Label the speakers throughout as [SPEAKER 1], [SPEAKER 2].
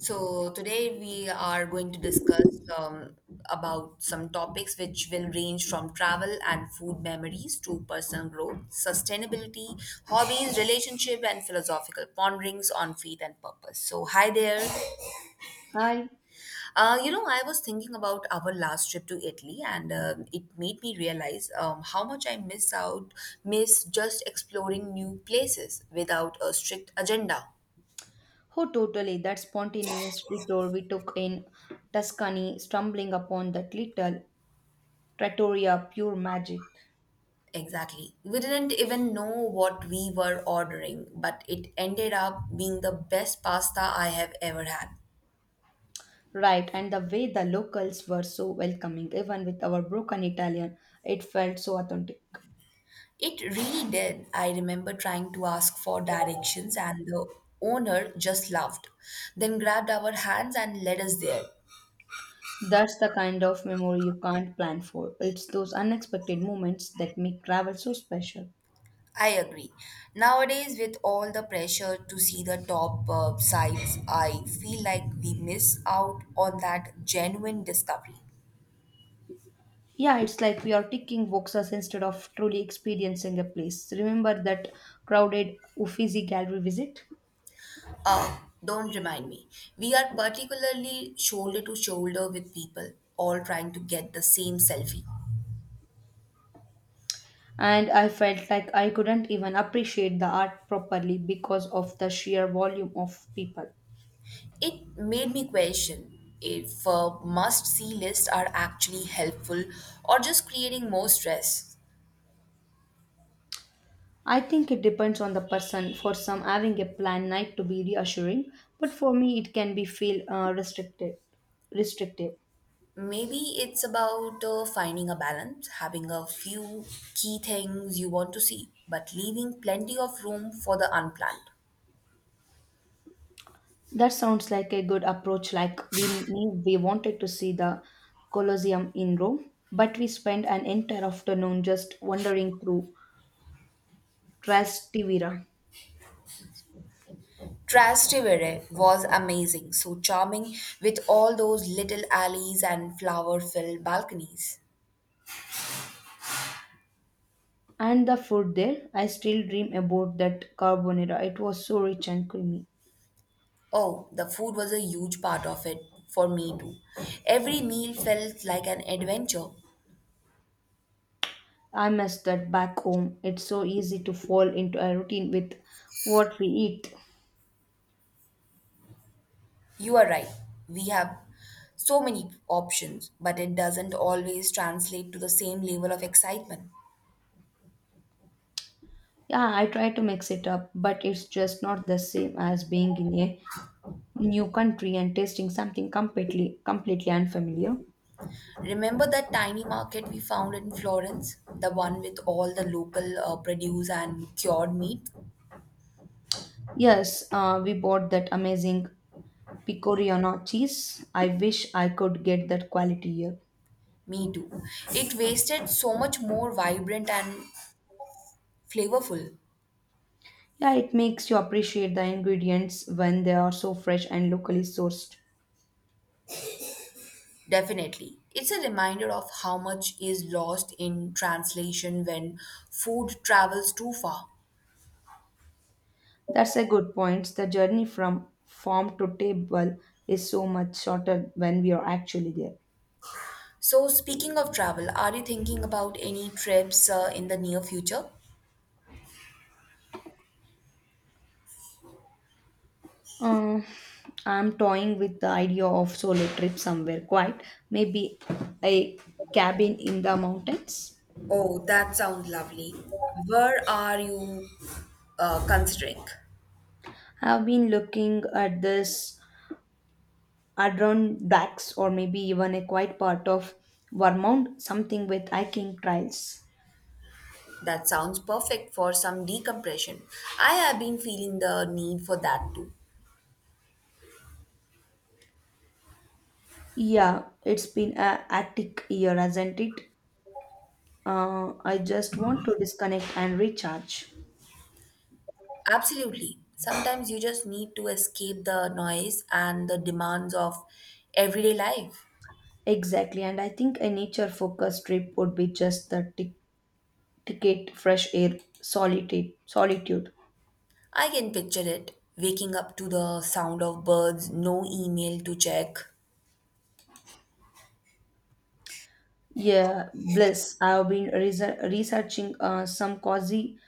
[SPEAKER 1] So today we are going to discuss about some topics which will range from travel and food memories to personal growth, sustainability, hobbies, relationship, and philosophical ponderings on faith and purpose. So hi there.
[SPEAKER 2] I.
[SPEAKER 1] You know, I was thinking about our last trip to Italy, and it made me realize how much miss just exploring new places without a strict agenda.
[SPEAKER 2] Oh, totally, that spontaneous detour we took in Tuscany, stumbling upon that little trattoria, pure magic.
[SPEAKER 1] Exactly. We didn't even know what we were ordering, but it ended up being the best pasta I have ever had.
[SPEAKER 2] Right, and the way the locals were so welcoming, even with our broken Italian, it felt so authentic.
[SPEAKER 1] It really did. I remember trying to ask for directions, and the owner just laughed, then grabbed our hands and led us there.
[SPEAKER 2] That's the kind of memory you can't plan for. It's those unexpected moments that make travel so special.
[SPEAKER 1] I agree. Nowadays, with all the pressure to see the top sites, I feel like we miss out on that genuine discovery.
[SPEAKER 2] Yeah, it's like we are ticking boxes instead of truly experiencing a place. Remember that crowded Uffizi gallery visit?
[SPEAKER 1] Oh, don't remind me. We are particularly shoulder to shoulder with people all trying to get the same selfie.
[SPEAKER 2] And I felt like I couldn't even appreciate the art properly because of the sheer volume of people.
[SPEAKER 1] It made me question if must see lists are actually helpful or just creating more stress.
[SPEAKER 2] I think it depends on the person. For some, having a planned night to be reassuring, but for me, it can be feel restricted. Restrictive.
[SPEAKER 1] Maybe it's about finding a balance, having a few key things you want to see, but leaving plenty of room for the unplanned.
[SPEAKER 2] That sounds like a good approach. Like we knew we wanted to see the Colosseum in Rome, but we spent an entire afternoon just wandering through Trastevere.
[SPEAKER 1] Trastevere was amazing, so charming with all those little alleys and flower filled balconies.
[SPEAKER 2] And the food there, I still dream about that carbonara. It was so rich and creamy.
[SPEAKER 1] Oh, the food was a huge part of it for me too. Every meal felt like an adventure.
[SPEAKER 2] I miss that back home. It's so easy to fall into a routine with what we eat.
[SPEAKER 1] You are right, we have so many options, but it doesn't always translate to the same level of excitement.
[SPEAKER 2] Yeah, I try to mix it up, but it's just not the same as being in a new country and tasting something completely unfamiliar.
[SPEAKER 1] Remember that tiny market we found in Florence? The one with all the local produce and cured meat?
[SPEAKER 2] Yes, we bought that amazing picoriana cheese. I wish I could get that quality here.
[SPEAKER 1] Me too. It wasted so much more vibrant and flavorful.
[SPEAKER 2] Yeah, it makes you appreciate the ingredients when they are so fresh and locally sourced.
[SPEAKER 1] Definitely. It's a reminder of how much is lost in translation when food travels too far.
[SPEAKER 2] That's a good point. The journey from farm to table is so much shorter when we are actually there.
[SPEAKER 1] So, speaking of travel, are you thinking about any trips in the near future?
[SPEAKER 2] Uh, I'm toying with the idea of solo trip somewhere quiet, maybe a cabin in the mountains.
[SPEAKER 1] Oh, that sounds lovely. Where are you considering?
[SPEAKER 2] I've been looking at this Adirondacks or maybe even a quiet part of Vermont, something with hiking trails.
[SPEAKER 1] That sounds perfect for some decompression. I have been feeling the need for that too.
[SPEAKER 2] Yeah, it's been a hectic year, hasn't it? I just want to disconnect and recharge.
[SPEAKER 1] Absolutely. Sometimes you just need to escape the noise and the demands of everyday life.
[SPEAKER 2] Exactly, and I think a nature-focused trip would be just the ticket, fresh air, solitude, solitude.
[SPEAKER 1] I can picture it waking up to the sound of birds, no email to check.
[SPEAKER 2] Yeah, bliss. I've been reser researching some cozy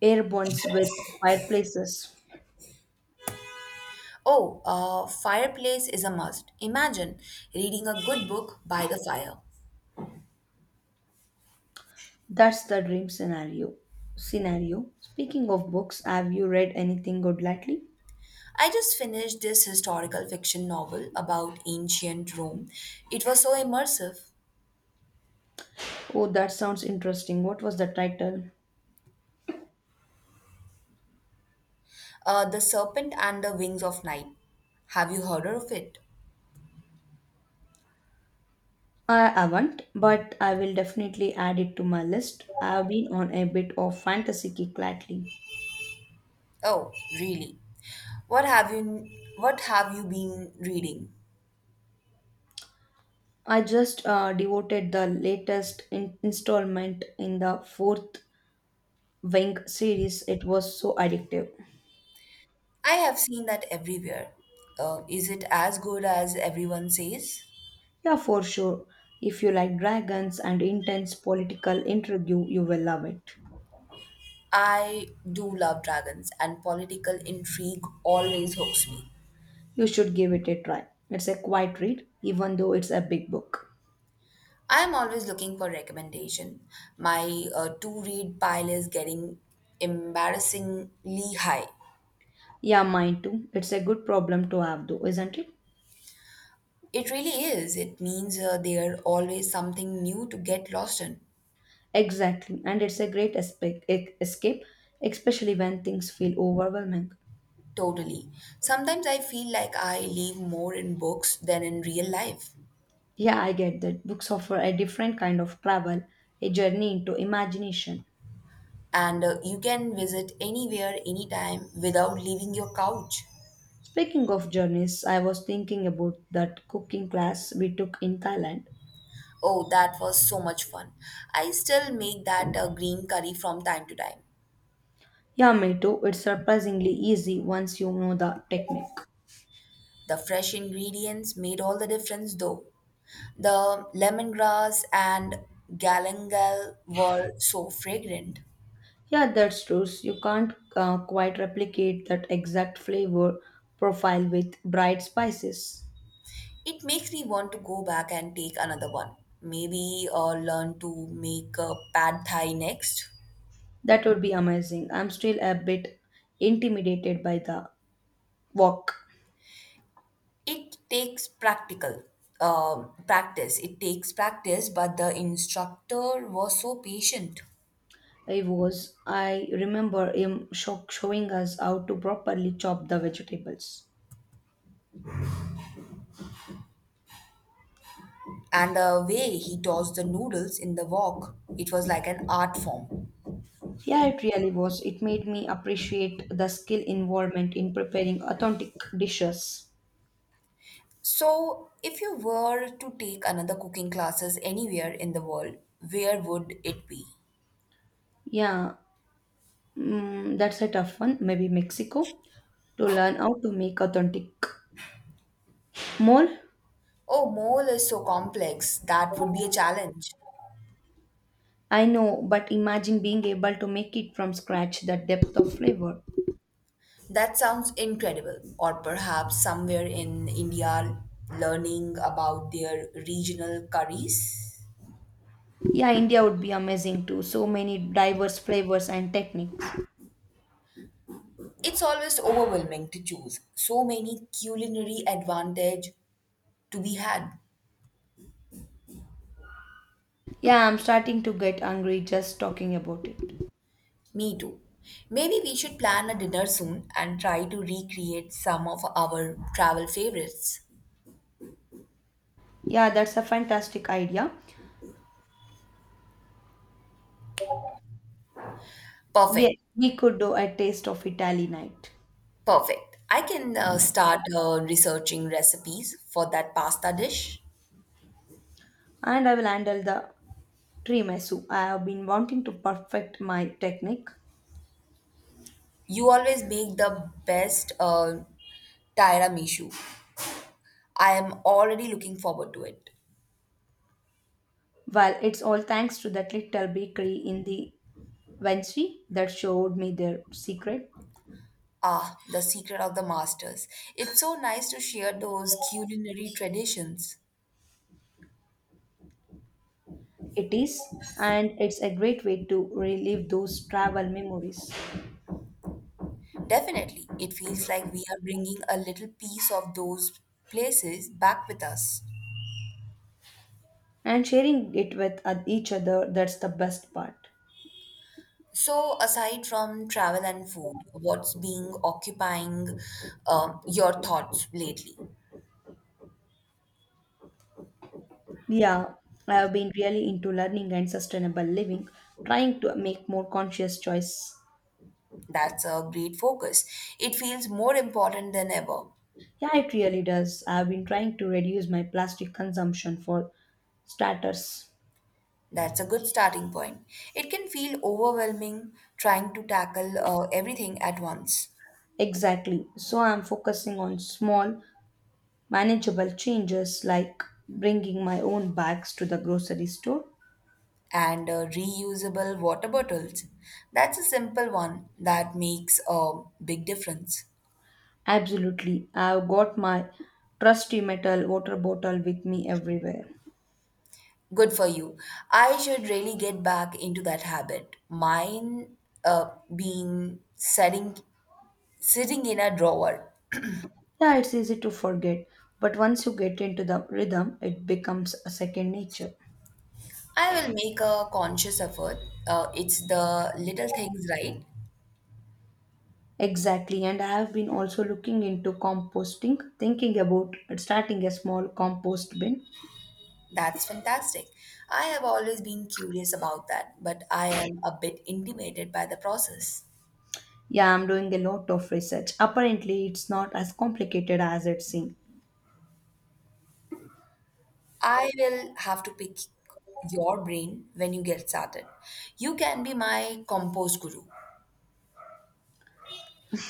[SPEAKER 2] air bonds with fireplaces.
[SPEAKER 1] Oh, a fireplace is a must. Imagine reading a good book by the fire.
[SPEAKER 2] That's the dream scenario. Scenario. Speaking of books, have you read anything good lately?
[SPEAKER 1] I just finished this historical fiction novel about ancient Rome. It was so immersive.
[SPEAKER 2] Oh, that sounds interesting. What was the title?
[SPEAKER 1] The Serpent and the Wings of Night. Have you heard of it?
[SPEAKER 2] I haven't, but I will definitely add it to my list. I have been on a bit of fantasy kick lately.
[SPEAKER 1] Oh, really? What have you what have you been reading?
[SPEAKER 2] I just devoted the latest installment in the fourth Wing series. It was so addictive.
[SPEAKER 1] I have seen that everywhere. Is it as good as everyone says?
[SPEAKER 2] Yeah, for sure. If you like dragons and intense political intrigue, you will love it.
[SPEAKER 1] I do love dragons and political intrigue always hooks me.
[SPEAKER 2] You should give it a try. It's a quiet read, even though it's a big book.
[SPEAKER 1] I am always looking for recommendation. My to-read pile is getting embarrassingly high.
[SPEAKER 2] Yeah, mine too. It's a good problem to have, though, isn't it?
[SPEAKER 1] It really is. It means there always something new to get lost in.
[SPEAKER 2] Exactly, and it's a great escape, especially when things feel overwhelming.
[SPEAKER 1] Totally. Sometimes I feel like I live more in books than in real life.
[SPEAKER 2] Yeah, I get that. Books offer a different kind of travel, a journey into imagination.
[SPEAKER 1] And you can visit anywhere, anytime without leaving your couch.
[SPEAKER 2] Speaking of journeys, I was thinking about that cooking class we took in Thailand.
[SPEAKER 1] Oh, that was so much fun. I still make that green curry from time to time.
[SPEAKER 2] Yeah, me too. It's surprisingly easy once you know the technique.
[SPEAKER 1] The fresh ingredients made all the difference though. The lemongrass and galangal were so fragrant.
[SPEAKER 2] Yeah, that's true. You can't quite replicate that exact flavor profile with bright spices.
[SPEAKER 1] It makes me want to go back and take another one. Maybe learn to make a pad thai next.
[SPEAKER 2] That would be amazing. I'm still a bit intimidated by the wok.
[SPEAKER 1] It takes practical Practice. It takes practice, but the instructor was so patient.
[SPEAKER 2] I was. I remember him showing us how to properly chop the vegetables.
[SPEAKER 1] And the way he tossed the noodles in the wok, it was like an art form.
[SPEAKER 2] Yeah, it really was. It made me appreciate the skill involvement in preparing authentic dishes.
[SPEAKER 1] So, if you were to take another cooking classes anywhere in the world, where would it be?
[SPEAKER 2] Yeah, mm, that's a tough one. Maybe Mexico to learn how to make authentic mole.
[SPEAKER 1] Oh, mole is so complex. That would be a challenge.
[SPEAKER 2] I know, but imagine being able to make it from scratch, the depth of flavor.
[SPEAKER 1] That sounds incredible. Or perhaps somewhere in India learning about their regional curries.
[SPEAKER 2] Yeah, India would be amazing too. So many diverse flavors and techniques.
[SPEAKER 1] It's always overwhelming to choose. So many culinary advantage to be had.
[SPEAKER 2] Yeah, I'm starting to get hungry just talking about it.
[SPEAKER 1] Me too. Maybe we should plan a dinner soon and try to recreate some of our travel favorites.
[SPEAKER 2] Yeah, that's a fantastic idea.
[SPEAKER 1] Perfect.
[SPEAKER 2] We could do a taste of Italy night.
[SPEAKER 1] Perfect. I can start researching recipes for that pasta dish.
[SPEAKER 2] And I will handle the tiramisu. I have been wanting to perfect my technique.
[SPEAKER 1] You always make the best tiramisu. I am already looking forward to it.
[SPEAKER 2] Well, it's all thanks to that little bakery in the Vinci that showed me their secret.
[SPEAKER 1] Ah, the secret of the masters. It's so nice to share those culinary traditions.
[SPEAKER 2] It is, and it's a great way to relive those travel memories.
[SPEAKER 1] Definitely, it feels like we are bringing a little piece of those places back with us.
[SPEAKER 2] And sharing it with each other, that's the best part.
[SPEAKER 1] So, aside from travel and food, what's being occupying your thoughts lately?
[SPEAKER 2] Yeah, I have been really into learning and sustainable living, trying to make more conscious choice.
[SPEAKER 1] That's a great focus. It feels more important than ever.
[SPEAKER 2] Yeah, it really does. I have been trying to reduce my plastic consumption for starters.
[SPEAKER 1] That's a good starting point. It can feel overwhelming trying to tackle everything at once.
[SPEAKER 2] Exactly, so I'm focusing on small manageable changes, like bringing my own bags to the grocery store.
[SPEAKER 1] And reusable water bottles. That's a simple one that makes a big difference.
[SPEAKER 2] Absolutely, I've got my trusty metal water bottle with me everywhere.
[SPEAKER 1] Good for you. I should really get back into that habit. Mine being sitting in a drawer.
[SPEAKER 2] Yeah, it's easy to forget, but once you get into the rhythm, it becomes a second nature.
[SPEAKER 1] I will make a conscious effort. It's the little things, right?
[SPEAKER 2] Exactly, and I have been also looking into composting, thinking about starting a small compost bin.
[SPEAKER 1] That's fantastic. I have always been curious about that, but I am a bit intimidated by the process.
[SPEAKER 2] Yeah, I'm doing a lot of research. Apparently, it's not as complicated as it seems.
[SPEAKER 1] I will have to pick your brain when you get started. You can be my compost guru.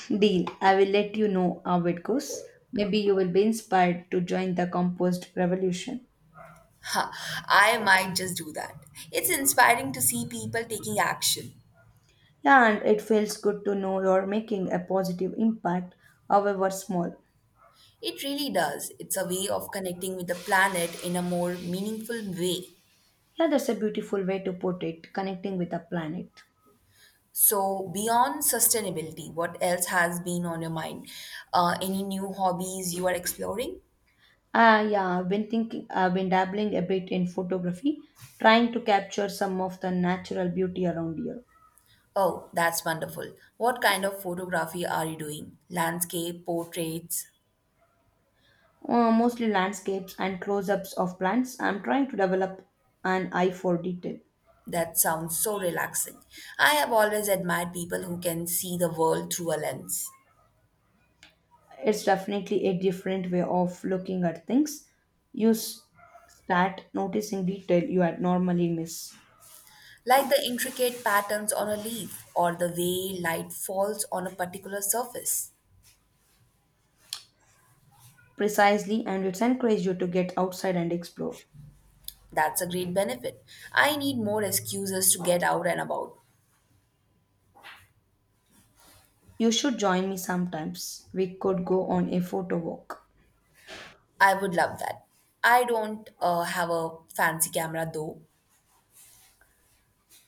[SPEAKER 2] Deal, I will let you know how it goes. Maybe you will be inspired to join the compost revolution.
[SPEAKER 1] Ha, I might just do that. It's inspiring to see people taking action.
[SPEAKER 2] Yeah, and it feels good to know you're making a positive impact, however small.
[SPEAKER 1] It really does. It's a way of connecting with the planet in a more meaningful way.
[SPEAKER 2] Yeah, that's a beautiful way to put it, connecting with the planet.
[SPEAKER 1] So, beyond sustainability, what else has been on your mind? Any new hobbies you are exploring?
[SPEAKER 2] Yeah, I've been dabbling a bit in photography, trying to capture some of the natural beauty around here.
[SPEAKER 1] Oh, that's wonderful. What kind of photography are you doing? Landscape, portraits?
[SPEAKER 2] Mostly landscapes and close ups of plants. I'm trying to develop an eye for detail.
[SPEAKER 1] That sounds so relaxing. I have always admired people who can see the world through a lens,
[SPEAKER 2] It's definitely a different way of looking at things. You s- start noticing detail you had normally miss.
[SPEAKER 1] like the intricate patterns on a leaf or the way light falls on a particular surface.
[SPEAKER 2] Precisely, and it encourages you to get outside and explore.
[SPEAKER 1] That's a great benefit. I need more excuses to get out and about.
[SPEAKER 2] You should join me sometimes. We could go on a photo walk.
[SPEAKER 1] I would love that. I don't have a fancy camera though.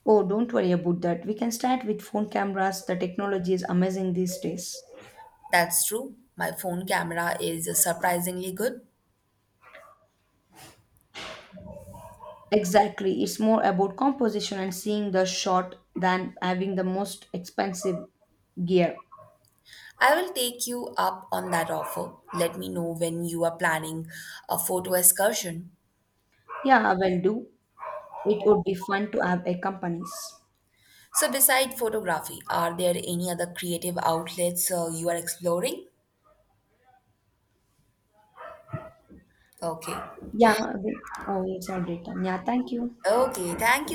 [SPEAKER 2] Oh, don't worry about that. We can start with phone cameras. The technology is amazing these days.
[SPEAKER 1] That's true. My phone camera is surprisingly good.
[SPEAKER 2] Exactly. It's more about composition and seeing the shot than having the most expensive gear.
[SPEAKER 1] I will take you up on that offer. Let me know when you are planning a photo excursion.
[SPEAKER 2] Yeah, I will do. It would be fun to have a companies.
[SPEAKER 1] So, beside photography, are there any other creative outlets you are exploring? Okay.
[SPEAKER 2] Yeah. I will- Oh, it's already done. Yeah, thank you.
[SPEAKER 1] Okay. Thank you.